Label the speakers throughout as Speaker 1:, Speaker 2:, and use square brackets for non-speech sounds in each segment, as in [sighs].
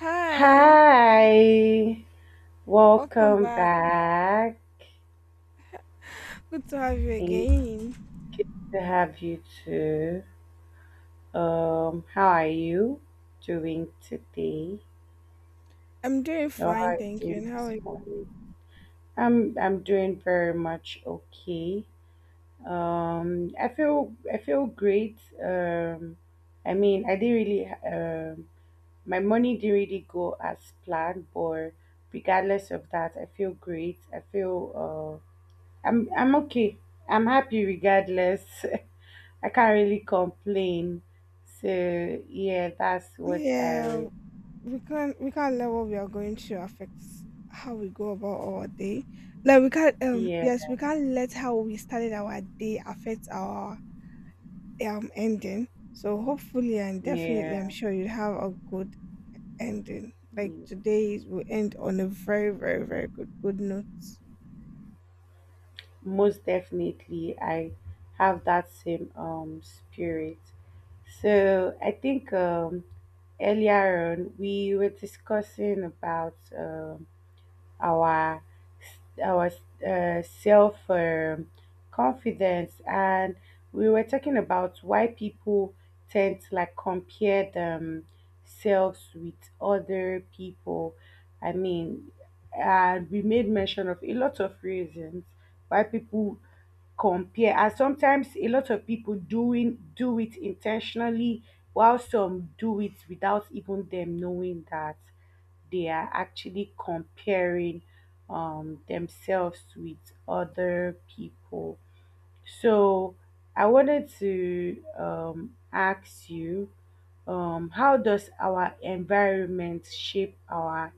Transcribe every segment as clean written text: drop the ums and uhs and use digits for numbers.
Speaker 1: Hi,
Speaker 2: Hi,
Speaker 1: welcome
Speaker 2: welcome
Speaker 1: back.
Speaker 2: back.
Speaker 1: Good to have you
Speaker 2: Thank
Speaker 1: again.
Speaker 2: you to have you too. How are you doing today?
Speaker 1: I'm doing
Speaker 2: Or how
Speaker 1: fine,
Speaker 2: are you
Speaker 1: thank you. And
Speaker 2: doing
Speaker 1: how are
Speaker 2: this
Speaker 1: you?
Speaker 2: morning? I'm doing very much okay. I feel great. Um, I mean, I didn't really my money didn't really go as planned, but regardless of that, I feel great. I feel, I'm okay. I'm happy regardless. [laughs] I can't really complain. So yeah, that's what I
Speaker 1: Yeah,
Speaker 2: would.
Speaker 1: we can't let what we are going through affect how we go about our day. Like we can't
Speaker 2: Yeah,
Speaker 1: yes, we can't let how we started our day affect our ending. So hopefully and definitely I'm
Speaker 2: yeah,
Speaker 1: sure you'll have a good ending. Like
Speaker 2: yeah.
Speaker 1: today will end on a very, very, very good note.
Speaker 2: Most definitely, I have that same spirit. So I think earlier on we were discussing about our our self confidence, and we were talking about why people tend to like compare themselves with other people. I mean, and we made mention of a lot of reasons why people compare, and sometimes a lot of people doing do it intentionally, while some do it without even them knowing that they are actually comparing themselves with other people. So I wanted to ask you, how does our environment shape our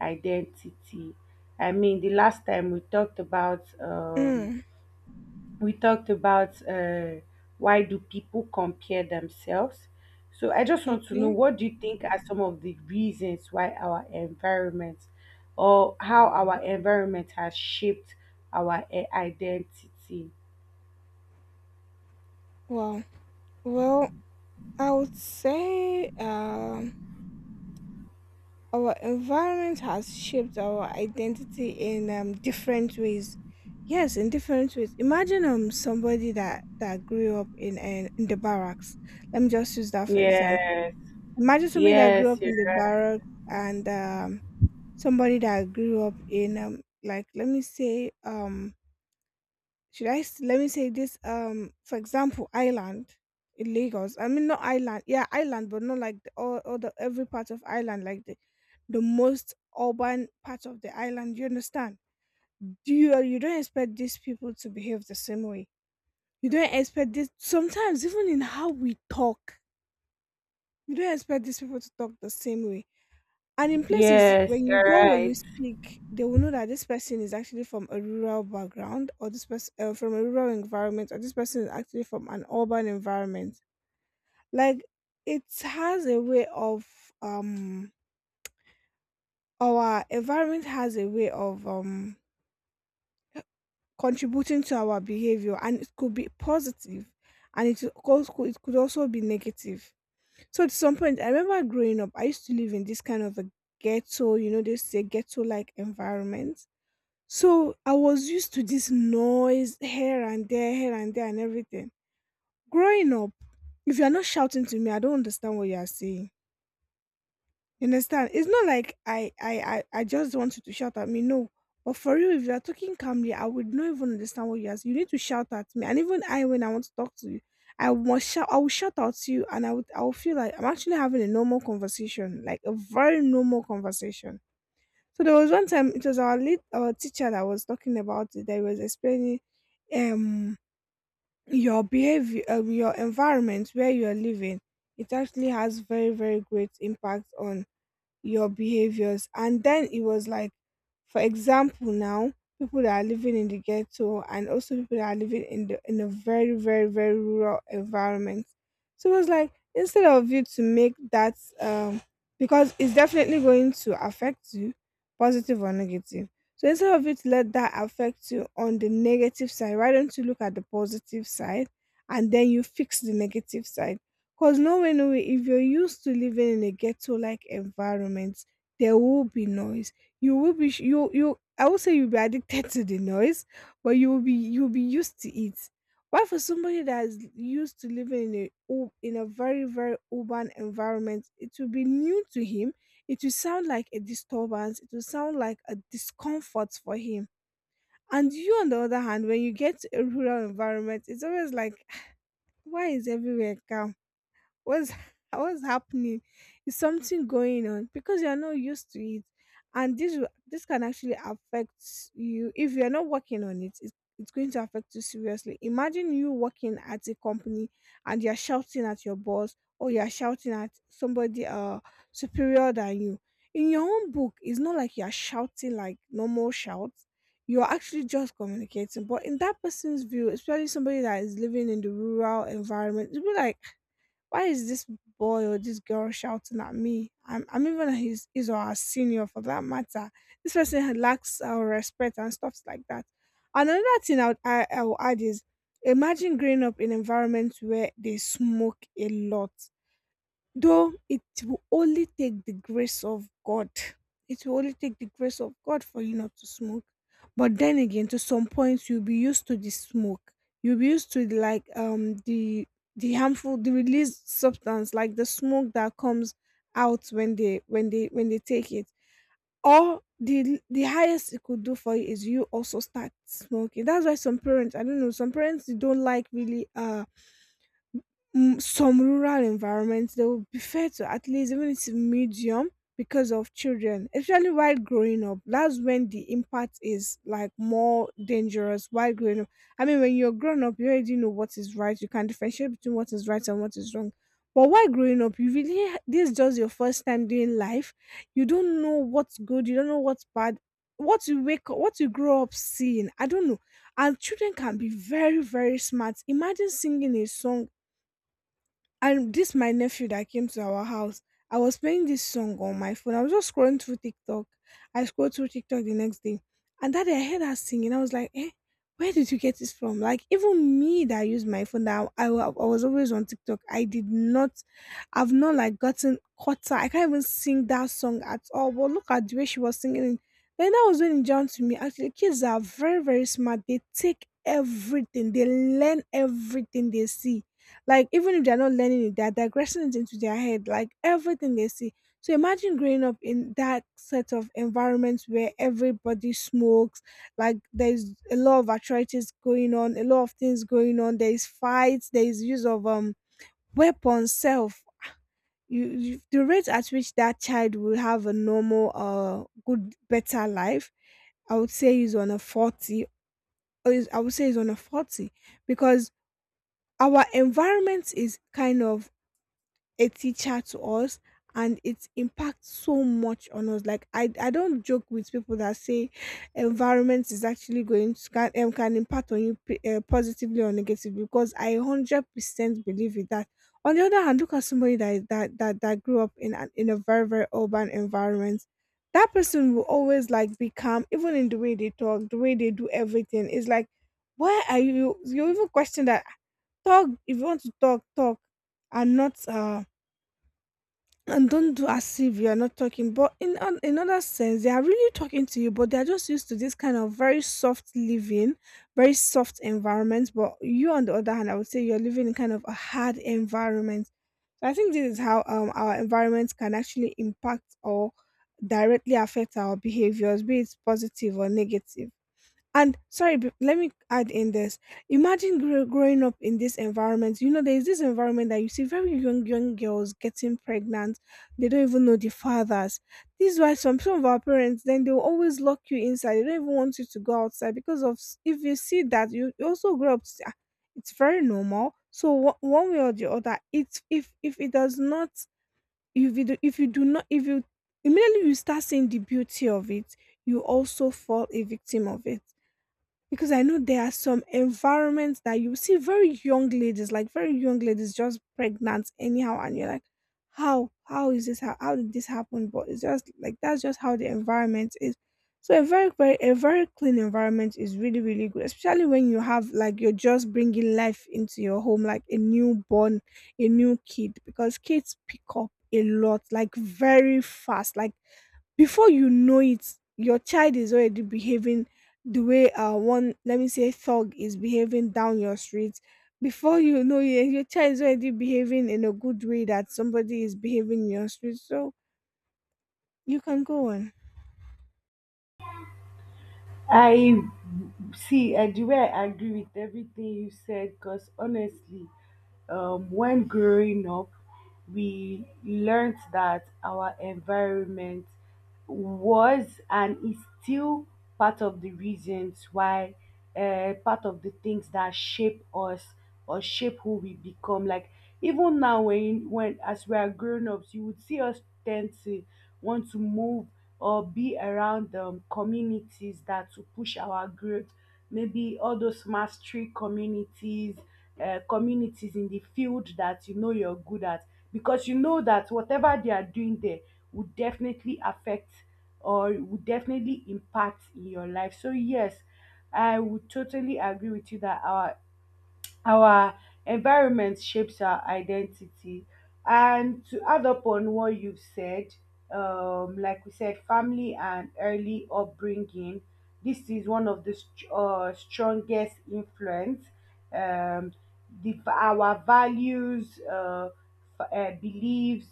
Speaker 2: identity? I mean, the last time we talked about um,
Speaker 1: Mm,
Speaker 2: we talked about uh, why do people compare themselves. So I just want to know,
Speaker 1: okay.
Speaker 2: what do you think are some of the reasons why our environment, or how our environment has shaped our identity?
Speaker 1: Wow. Well, I would say our environment has shaped our identity in different ways. Yes, in different ways. Imagine somebody that grew up in the barracks. Let me just use that for example.
Speaker 2: Yes.
Speaker 1: Imagine somebody that grew
Speaker 2: Yes,
Speaker 1: up
Speaker 2: you're
Speaker 1: in the
Speaker 2: right.
Speaker 1: barracks and somebody that grew up in like let me say let me say this for example, Island in Lagos. I mean not Island, yeah, Island, but not like all the every part of Island, like the most urban part of the island, you understand. Do you you don't expect these people to behave the same way. You don't expect this sometimes even in how we talk. You don't expect these people to talk the same way. And in places
Speaker 2: Yes,
Speaker 1: when you
Speaker 2: you're
Speaker 1: go, when you
Speaker 2: right.
Speaker 1: speak, they will know that this person is actually from a rural background, or this person from a rural environment, or this person is actually from an urban environment. Like, it has a way of um our environment has a way of contributing to our behavior, and it could be positive, and it could also be negative. So at some point, I remember growing up, I used to live in this kind of a ghetto, you know, they say ghetto like environment. So I was used to this noise here and there, and everything. Growing up, if you're not shouting to me, I don't understand what you are saying. You understand? It's not like I just want you to shout at me. No. But for you, if you are talking calmly, I would not even understand what you are saying. You need to shout at me. And even I, when I want to talk to you, I must shout. I will shout out to you, and I will feel like I'm actually having a normal conversation, like a very normal conversation. So there was one time it was our teacher that was talking about it. That he was explaining um your behavior, your environment where you are living. It actually has very very great impact on your behaviors. And then it was like, for example, now, people that are living in the ghetto and also people that are living in the in a very, very, very rural environment. So it was like instead of you to make that because it's definitely going to affect you, positive or negative. So instead of you to let that affect you on the negative side, why don't you look at the positive side and then you fix the negative side? Because no way, no way, if you're used to living in a ghetto like environment, there will be noise. You will be you I would say you'll be addicted to the noise, but you will be you'll be used to it. Why for somebody that's used to living in in a very, very urban environment, it will be new to him. It will sound like a disturbance, it will sound like a discomfort for him. And you on the other hand, when you get to a rural environment, it's always like [sighs] why is everywhere calm? What's [laughs] what's happening? Is something going on? Because you're not used to it, and this can actually affect you. If you're not working on it, it's going to affect you seriously. Imagine you working at a company and you're shouting at your boss or you're shouting at somebody superior than you. In your own book, it's not like you're shouting like normal shouts, you're actually just communicating. But in that person's view, especially somebody that is living in the rural environment, it'll be like, why is this boy or this girl shouting at me? I'm, even his or her senior for that matter. This person lacks our respect and stuff like that. Another thing I would add is imagine growing up in environments where they smoke a lot. Though it will only take the grace of God, it will only take the grace of God for you not to smoke. But then again, to some point you'll be used to the smoke. You'll be used to like the harmful, the released substance like the smoke that comes out when they take it. Or the highest it could do for you is you also start smoking. That's why some parents, I don't know, some parents they don't like really mm, some rural environments, they would prefer to at least even it's medium, because of children, especially while growing up, that's when the impact is like more dangerous. While growing up, I mean, when you're grown up, you already know what is right. You can differentiate between what is right and what is wrong. But while growing up, you really this is just your first time doing life. You don't know what's good, you don't know what's bad. What you wake up, what you grow up seeing, I don't know. And children can be very very smart. Imagine singing a song, and this my nephew that came to our house. I was playing this song on my phone. I was just scrolling through TikTok. I scrolled through TikTok the next day, and that day I heard her singing. I was like, "Eh, where did you get this from?" Like even me that used my phone, that I was always on TikTok. I did not, I've not like gotten caught up. I can't even sing that song at all. But look at the way she was singing it. Then that was when it jumped to me. Actually, kids are very very smart. They take everything. They learn everything they see. Like even if they're not learning it, they're digressing it into their head, like everything they see. So imagine growing up in that set of environments where everybody smokes, like there's a lot of atrocities going on, a lot of things going on, there is fights, there is use of weapons self. You the rate at which that child will have a normal good better life, I would say is on a 40, or is, I would say is on a 40, because our environment is kind of a teacher to us, and it impacts so much on us. Like I don't joke with people that say environment is actually going to can impact on you positively or negatively, because I 100% believe in that. On the other hand, look at somebody that is- that that, that grew up in in a very very urban environment. That person will always like be calm, even in the way they talk, the way they do everything. It's like, why are you even question that? Talk, if you want to talk, talk, and not and don't do as if you're not talking. But in another sense, they are really talking to you, but they're just used to this kind of very soft living, very soft environment. But you on the other hand, I would say you're living in kind of a hard environment. So I think this is how our environment can actually impact or directly affect our behaviors, be it positive or negative. And sorry, let me add in this. Imagine growing up in this environment. You know, there's this environment that you see very young, young girls getting pregnant. They don't even know the fathers. This is why some of our parents, then they'll always lock you inside. They don't even want you to go outside because of, if you see that, you also grow up, to say, "Ah, it's very normal. So one way or the other, it's, if it does not, if you do not, if you, immediately you start seeing the beauty of it, you also fall a victim of it. Because I know there are some environments that you see very young ladies, like very young ladies just pregnant anyhow, and you're like, how? How is this? How did this happen? But it's just like that's just how the environment is. So a very clean environment is really, really good, especially when you have like you're just bringing life into your home, like a newborn, a new kid, because kids pick up a lot, like very fast, like before you know it, your child is already behaving the way one, let me say, thug is behaving down your street. Before you know it, eh, your child is already behaving in a good way that somebody is behaving in your street. So you can go on.
Speaker 2: I see, I do, I agree with everything you said, because honestly, when growing up, we learned that our environment was and is still part of the reasons why, part of the things that shape us or shape who we become. Like even now, when as we are grown ups, you would see us tend to want to move or be around communities that to push our growth, maybe all those mastery communities, communities in the field that you know you're good at, because you know that whatever they are doing there would definitely affect or would definitely impact in your life. So yes, I would totally agree with you that our environment shapes our identity. And to add up on what you've said, like we said, family and early upbringing, this is one of the strongest influence. Um, our values, beliefs,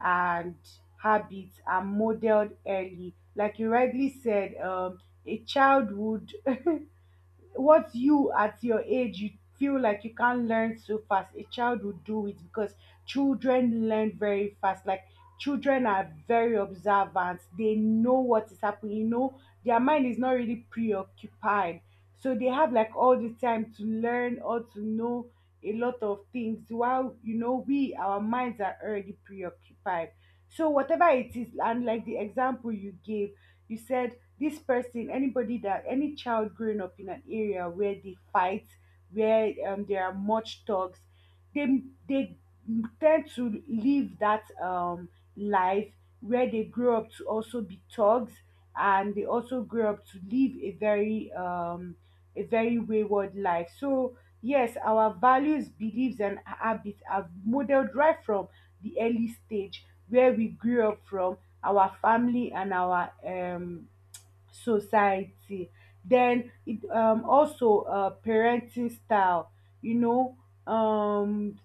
Speaker 2: and habits are modeled early. Like you rightly said, a child would, what you at your age you feel like you can't learn so fast, a child will do it, because children learn very fast. Like, children are very observant. They know what is happening. You know, their mind is not really preoccupied, so they have like all the time to learn or to know a lot of things, while, you know, we, our minds are already preoccupied. So whatever it is, and like the example you gave, you said this person, anybody, that any child growing up in an area where they fight, where there are much thugs, they they tend to live that life, where they grow up to also be thugs, and they also grow up to live a very wayward life. So yes, our values, beliefs, and habits are modeled right from the early stage where we grew up from, our family and our society. Then it also, parenting style. You know, um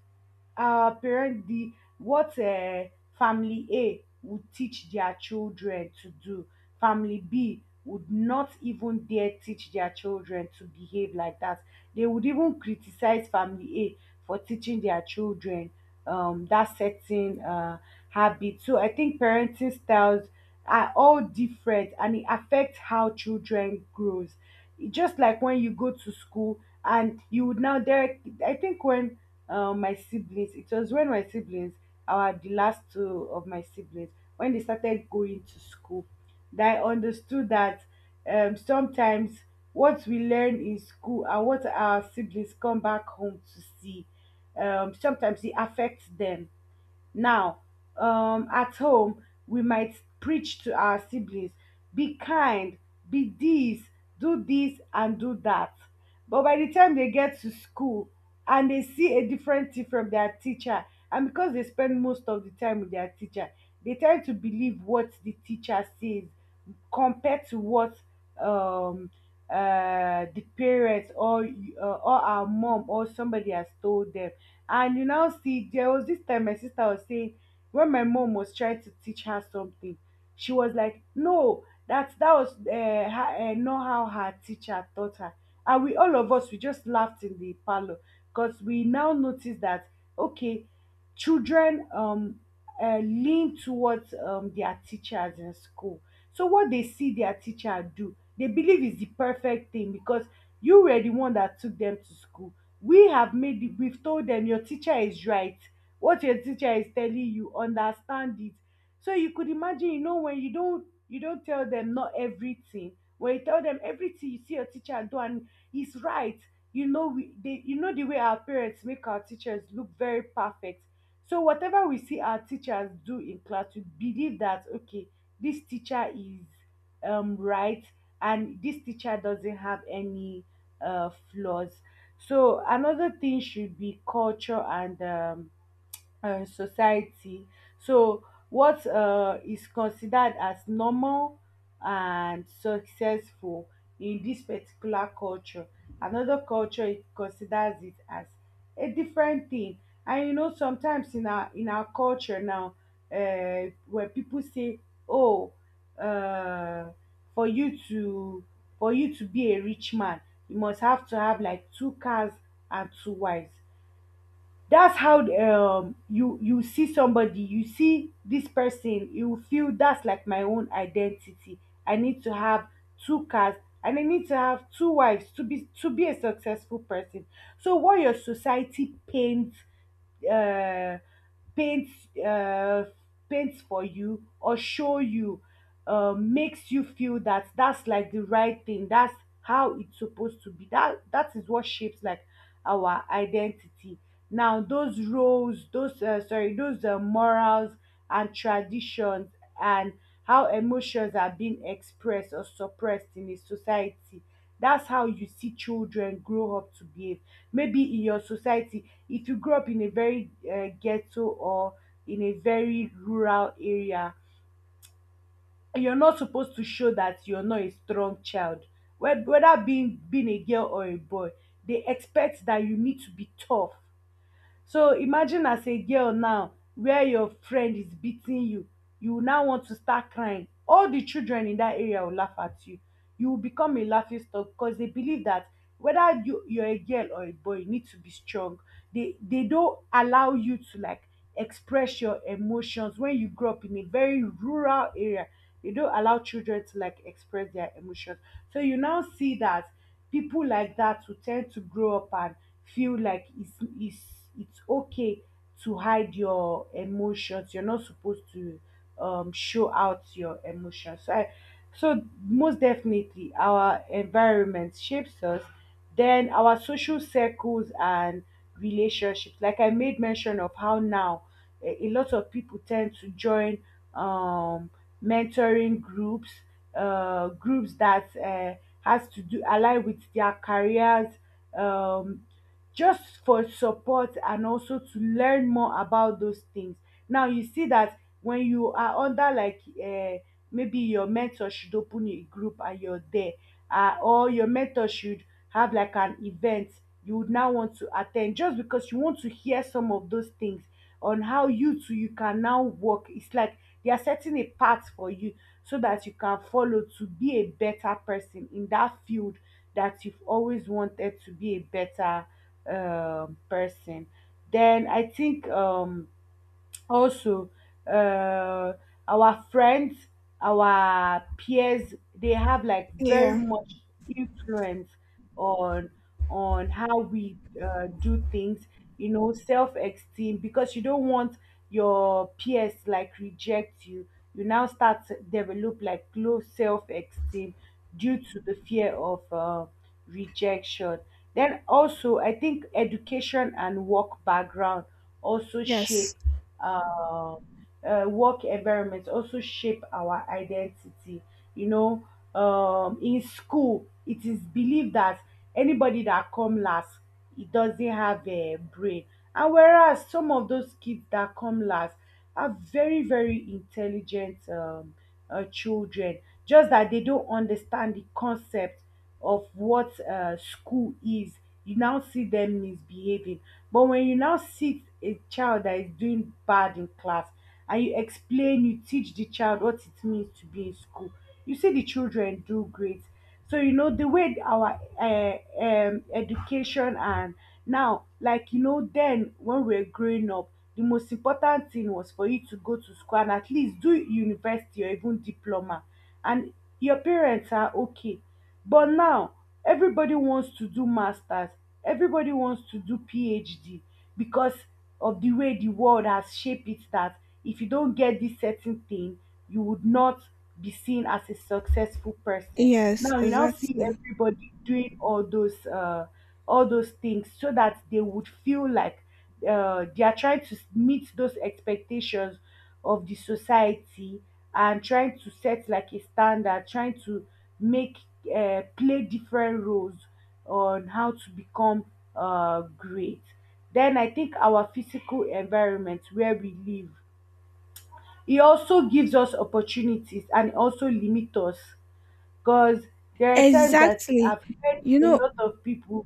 Speaker 2: our parent, the what family A would teach their children to do, family B would not even dare teach their children to behave like that. They would even criticize family A for teaching their children that certain habit. So I think parenting styles are all different, and it affects how children grows. Just like when you go to school, and you would now there. I think when my siblings, it was when my siblings, our the last two of my siblings, when they started going to school, that I understood that sometimes what we learn in school and what our siblings come back home to see, sometimes it affects them. Now, at home, we might preach to our siblings, be kind, be this, do this, and do that. But by the time they get to school and they see a different thing from their teacher, and because they spend most of the time with their teacher, they tend to believe what the teacher says compared to what, um the parents, or our mom or somebody has told them. And you now see, there was this time my sister was saying, when my mom was trying to teach her something, she was like, "No, that that was, her, not how her teacher taught her." And we, all of us, we just laughed in the parlor, because we now noticed that, okay, children, lean towards their teachers in school. So what they see their teacher do, they believe is the perfect thing, because you were the one that took them to school. We have made it, we've told them your teacher is right. What your teacher is telling you, understand it. So you could imagine, you know, when you don't tell them not everything, when you tell them everything you see your teacher do, and he's right. You know, we, they, you know, the way our parents make our teachers look very perfect, so whatever we see our teachers do in class, we believe that, okay, this teacher is right, and this teacher doesn't have any flaws. So another thing should be culture and society. So what is considered as normal and successful in this particular culture, another culture it considers it as a different thing. And you know, sometimes in our culture now, when people say, oh, um for you to for you to be a rich man, you must have to have like two cars and two wives. That's how you, you see somebody, you see this person, you feel that's like my own identity. I need to have two cars, and I need to have two wives to be a successful person. So what your society uh, paints uh, paints for you, or show you, makes you feel that that's like the right thing, that's how it's supposed to be, that that is what shapes, like, our identity. Now those roles, those, sorry, those, morals and traditions, and how emotions are being expressed or suppressed in a society, that's how you see children grow up to behave. Maybe in your society, if you grow up in a very, ghetto, or in a very rural area, you're not supposed to show that you're not a strong child. Whether being a girl or a boy, they expect that you need to be tough. So imagine as a girl now, where your friend is beating you, you will now want to start crying. All the children in that area will laugh at you. You will become a laughing stock, because they believe that whether you, you're a girl or a boy, you need to be strong. They don't allow you to, like, express your emotions when you grow up in a very rural area. They don't allow children to, like, express their emotions. So you now see that people like that will tend to grow up and feel like it's it's okay to hide your emotions. You're not supposed to, show out your emotions. So, so most definitely, our environment shapes us. Then our social circles and relationships. Like I made mention of how now, a lot of people tend to join um, mentoring groups, groups that has to do align with their careers, um, just for support and also to learn more about those things. Now you see that when you are under, like, maybe your mentor should open a group and you're there, or your mentor should have, like, an event, you would now want to attend, just because you want to hear some of those things on how you too you can now work. It's like they are setting a path for you, so that you can follow to be a better person in that field, that you've always wanted to be a better person. Then I think also, uh, our friends, our peers, they have, like, very
Speaker 1: Yeah.
Speaker 2: much influence on on how we, do things. You know, self-esteem, because you don't want your peers like reject you, you now start to develop like low self-esteem, due to the fear of rejection. Then also, I think education and work background also shape,
Speaker 1: Yes.
Speaker 2: uh, work environment also shape our identity. You know, in school, it is believed that anybody that come last, it doesn't have a brain. And whereas some of those kids that come last are very, very intelligent children, just that they don't understand the concept of what school is. You now see them misbehaving. But when you now see a child that is doing bad in class, and you explain, you teach the child what it means to be in school. You see the children do great. So you know the way our education and now, then when we are growing up, the most important thing was for you to go to school and at least do university or even diploma, and your parents are okay. But now everybody wants to do masters, everybody wants to do PhD because of the way the world has shaped it that if you don't get this certain thing, you would not be seen as a successful person.
Speaker 1: Yes,
Speaker 2: Now you now see
Speaker 1: exactly.
Speaker 2: everybody doing all those things so that they would feel like they are trying to meet those expectations of the society and trying to set like a standard, trying to make play different roles on how to become great. Then I think our physical environment where we live, it also gives us opportunities and it also limits us because there are times that
Speaker 1: Exactly.
Speaker 2: I've heard
Speaker 1: You
Speaker 2: a
Speaker 1: know,
Speaker 2: lot of people,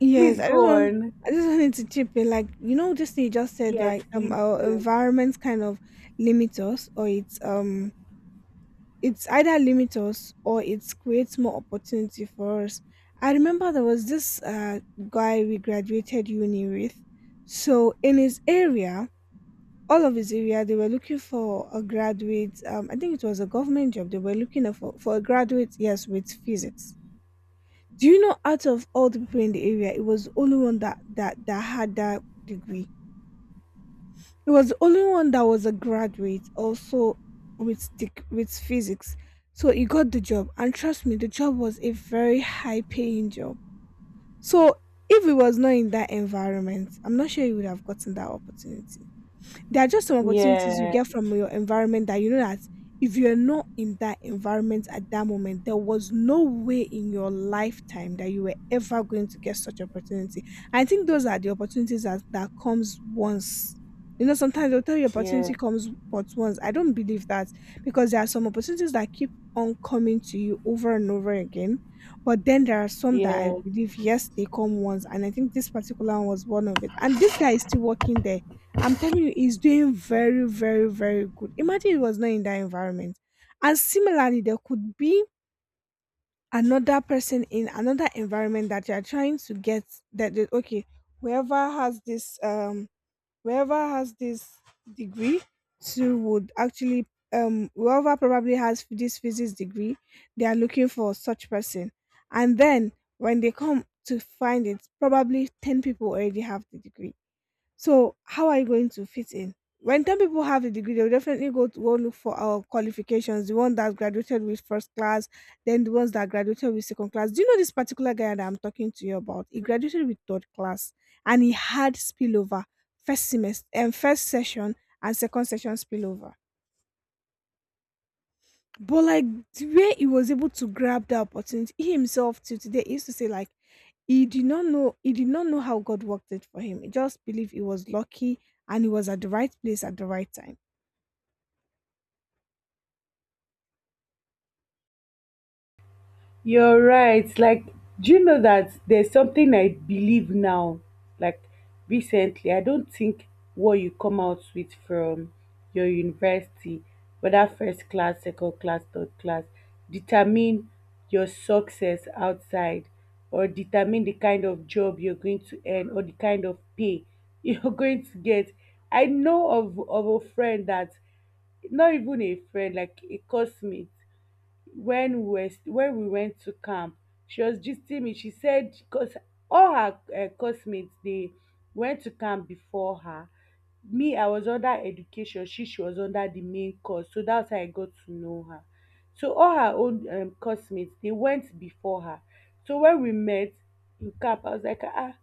Speaker 1: yes,
Speaker 2: please go on.
Speaker 1: I just wanted to chip in, like, this thing you just said,
Speaker 2: Yes,
Speaker 1: like
Speaker 2: please
Speaker 1: our
Speaker 2: do.
Speaker 1: environment kind of limits us, or it's either limit us or it creates more opportunity for us. I remember there was this guy we graduated uni with. So in his area, all of his area, they were looking for a graduate. I think it was a government job. They were looking for a graduate, yes, with physics. Do you know? Out of all the people in the area, it was the only one that had that degree. He was the only one that was a graduate also with stick with physics. So he got the job, and trust me, the job was a very high paying job. So if he was not in that environment, I'm not sure he would have gotten that opportunity. There are just some opportunities you
Speaker 2: Yeah,
Speaker 1: get from your environment that you know that if you're not in that environment at that moment, there was no way in your lifetime that you were ever going to get such opportunity. I think those are the opportunities that comes once. You know, sometimes they'll tell you
Speaker 2: yeah,
Speaker 1: opportunity comes but once. I don't believe that, because there are some opportunities that keep on coming to you over and over again. But then there are some that I
Speaker 2: yeah.
Speaker 1: believe, yes, they come once. And I think this particular one was one of it. And this guy is still working there. I'm telling you, he's doing very, very, very good. Imagine he was not in that environment. And similarly, there could be another person in another environment that you're trying to get that okay, whoever has this um whoever has this degree to would actually whoever probably has this physics degree, they are looking for such person. And then when they come to find it, probably ten people already have the degree, so how are you going to fit in? When 10 people have a degree, they'll definitely go to go look for our qualifications, the one that graduated with first class, then the ones that graduated with second class. Do you know this particular guy that I'm talking to you about? He graduated with third class and he had spillover, first semester and first session and second session spillover. But like the way he was able to grab that opportunity, he himself till today he used to say like he did not know how God worked it for him. He just believed he was lucky and he was at the right place at the right time.
Speaker 2: You're right. Like, do you know that there's something I believe now? Like, recently, I don't think what you come out with from your university, whether first class, second class, third class, determine your success outside or determine the kind of job you're going to earn or the kind of pay [laughs] you're going to get. I know of a friend that, not even a friend, like a classmate when we were when we went to camp, she was gisting me. She said because all her classmates, they went to camp before her. Me, I was under education. She was under the main course, so that's how I got to know her. So all her own classmates, they went before her. So when we met in camp, I was like, ah,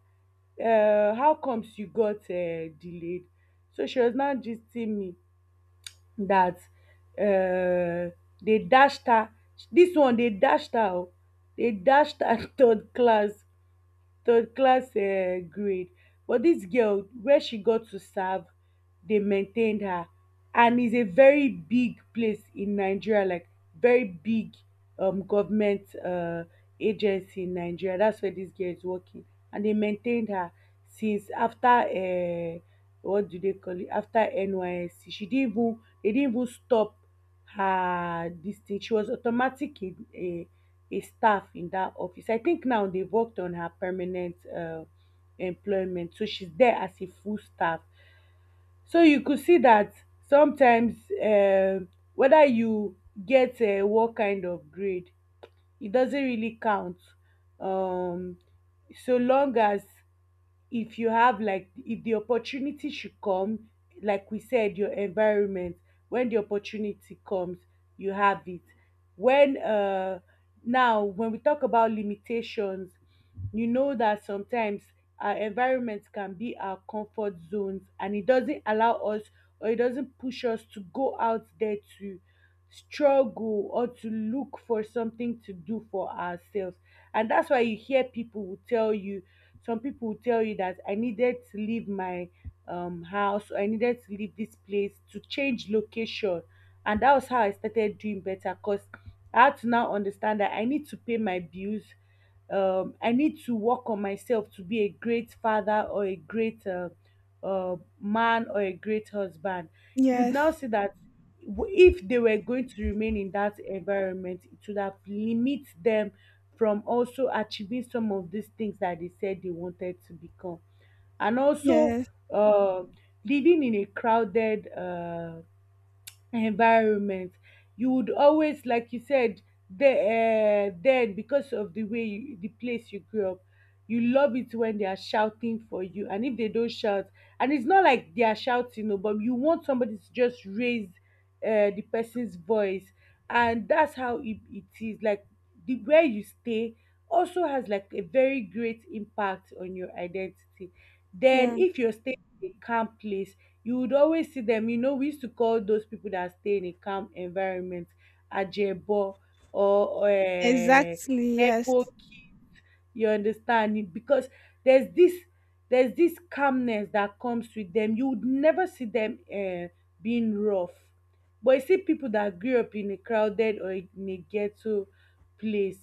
Speaker 2: how comes you got delayed? So she was now gisting me that uh, they dashed her. Dis one dey dashed her oo, dey dashed her [laughs] third class, third class grade. But this girl, where she got to serve, they maintained her, and is a very big place in Nigeria, like very big government agency in Nigeria. That's where this girl is working, and they maintained her since after what do they call it, after NYSC. She didn't even, they didn't even stop her. This thing, she was automatic in a staff in that office. I think now they've worked on her permanent employment, so she's there as a full staff. So you could see that sometimes whether you get what kind of grade, it doesn't really count, um so long as, if you have, like if the opportunity should come, like we said your environment, when the opportunity comes, you have it. When Now when we talk about limitations, you know that sometimes our environment can be our comfort zones and it doesn't allow us or it doesn't push us to go out there to struggle or to look for something to do for ourselves. And that's why you hear people will tell you, some people will tell you that I needed to leave my house, or I needed to leave this place to change location. And that was how I started doing better because I had to now understand that I need to pay my bills. I need to work on myself to be a great father or a great man or a great husband. You'd now
Speaker 1: Yes.
Speaker 2: see that if they were going to remain in that environment, it would have limit them from also achieving some of these things that they said they wanted to become. And also,
Speaker 1: Yes.
Speaker 2: uh, living in a crowded environment, you would always, like you said, the, then because of the way you, the place you grew up, you love it when they are shouting for you, and if they don't shout, and it's not like they are shouting, no, but you want somebody to just raise the person's voice. And that's how it is. Like, the where you stay also has like a very great impact on your identity. Then
Speaker 1: Yeah.
Speaker 2: if you're staying in a calm place, you would always see them. You know, we used to call those people that stay in a calm environment ajebo or
Speaker 1: Exactly. Yes.
Speaker 2: nebo kids. You understand it because there's this there's this calmness that comes with them. You would never see them being rough. But you see people that grew up in a crowded or in a ghetto place,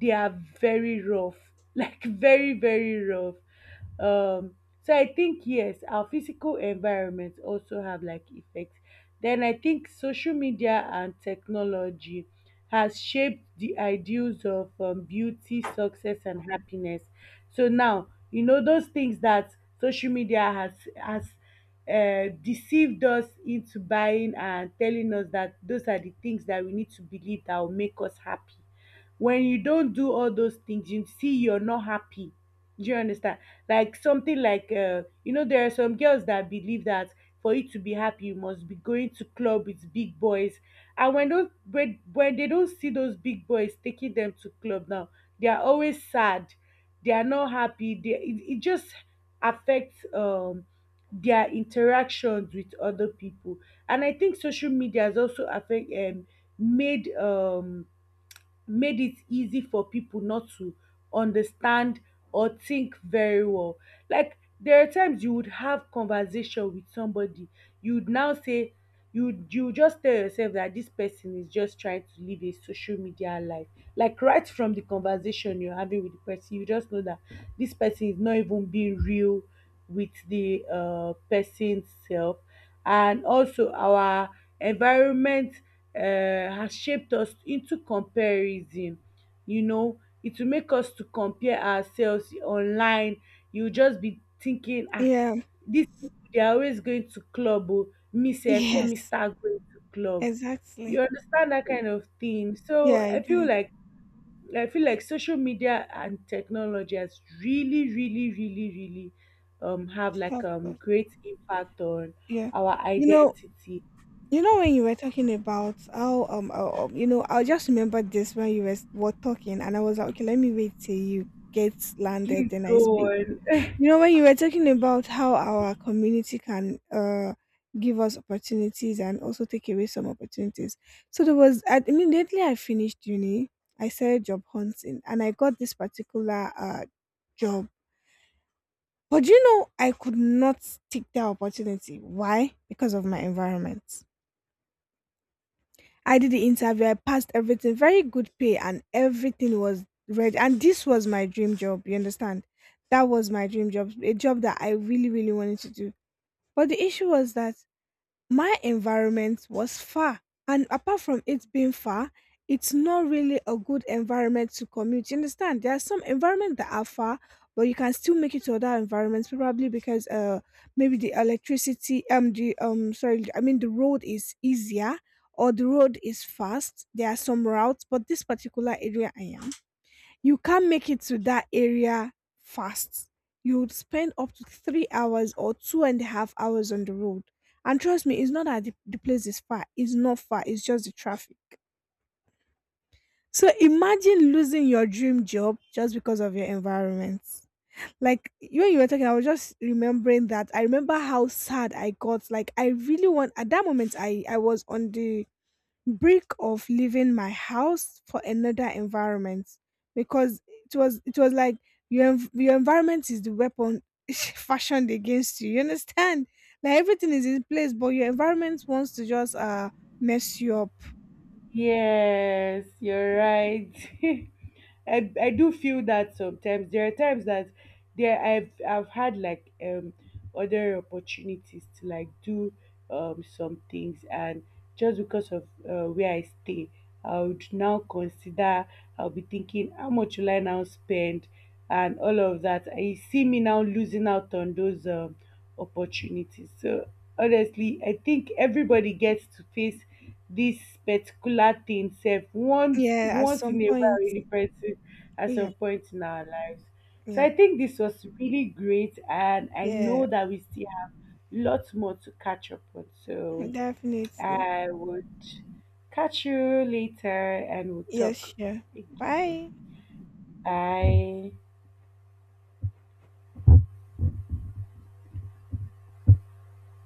Speaker 2: they are very rough, [laughs] like very, very rough. Um, so I think yes, our physical environment also have like effects. Then I think social media and technology has shaped the ideals of beauty, success, and happiness. So now you know those things that social media has deceived us into buying and telling us that those are the things that we need to believe that will make us happy. When you don't do all those things, you see you're not happy. Do you understand? Like something like there are some girls that believe that for you to be happy you must be going to club with big boys. And when when they don't see those big boys taking them to club now, they are always sad, they are not happy, it just affects their interactions with other people. And I think social media has also affect made um made it easy for people not to understand or think very well. Like, there are times you would have conversation with somebody, you would now say, you just tell yourself that this person is just trying to live a social media life. Like, right from the conversation you're having with the person, you just know that this person is not even being real with the person self. And also our environment has shaped us into comparison. You know, it will make us to compare ourselves online. You just be thinking, ah,
Speaker 1: Yeah.
Speaker 2: this people, they are always going to club. Oh, me self, let me
Speaker 1: Yes.
Speaker 2: start going to club. You
Speaker 1: Exactly.
Speaker 2: understand that kind of thing.
Speaker 1: Yeah,
Speaker 2: So
Speaker 1: I do.
Speaker 2: I feel like social media and technology has really, really, really, really have like
Speaker 1: Help us.
Speaker 2: great impact on
Speaker 1: Yeah.
Speaker 2: our
Speaker 1: You know,
Speaker 2: identity.
Speaker 1: you know when you were talking about how you know, I just remembered this when you were talking and I was like okay let me wait till you get landed
Speaker 2: Please
Speaker 1: then I
Speaker 2: go
Speaker 1: speak.
Speaker 2: on.
Speaker 1: You know when you were talking about how our community can give us opportunities and also take away some opportunities. So there was I, immediately I finished uni I started job hunting and I got this particular job. But you know I could not take that opportunity. Why? Because of my environment. I did the interview. I passed everything. Very good pay, and everything was ready. And this was my dream job. You understand? That was my dream job. A job that I really, really wanted to do. But the issue was that my environment was far, and apart from it being far, it's not really a good environment to commute. You understand? There are some environments that are far, but you can still make it to other environments, probably because maybe the electricity the sorry I mean the road is easier, or the road is fast. There are some routes, but this particular area I am, you can't make it to that area fast. You would spend up to 3 hours or 2.5 hours on the road. And trust me, it's not that the place is far. It's not far. It's just the traffic. So imagine losing your dream job just because of your environment. Like when you were talking, I was just remembering that. I remember how sad I got. Like I really want at that moment I was on the break of leaving my house for another environment because it was like your your environment is the weapon [laughs] fashioned against you. You understand? Like everything is in place, but your environment wants to just mess you up.
Speaker 2: Yes, you're right. [laughs] I do feel that sometimes. There are times that there I've had like other opportunities to like do some things, and just because of where I stay, I would now consider, I'll be thinking how much will I now spend and all of that. I see me now losing out on those opportunities. So honestly, I think everybody gets to face this particular thing self,
Speaker 1: Yeah, at
Speaker 2: once
Speaker 1: some
Speaker 2: in a while,
Speaker 1: point.
Speaker 2: in a person at some
Speaker 1: Yeah,
Speaker 2: point in our lives. So
Speaker 1: yeah,
Speaker 2: I think this was really great, and I know
Speaker 1: yeah.
Speaker 2: that we still have lots more to catch up on.
Speaker 1: [laughs]
Speaker 2: So
Speaker 1: definitely.
Speaker 2: I would catch you later and we'll
Speaker 1: Yes,
Speaker 2: talk
Speaker 1: sure.
Speaker 2: again.
Speaker 1: Bye.
Speaker 2: Bye.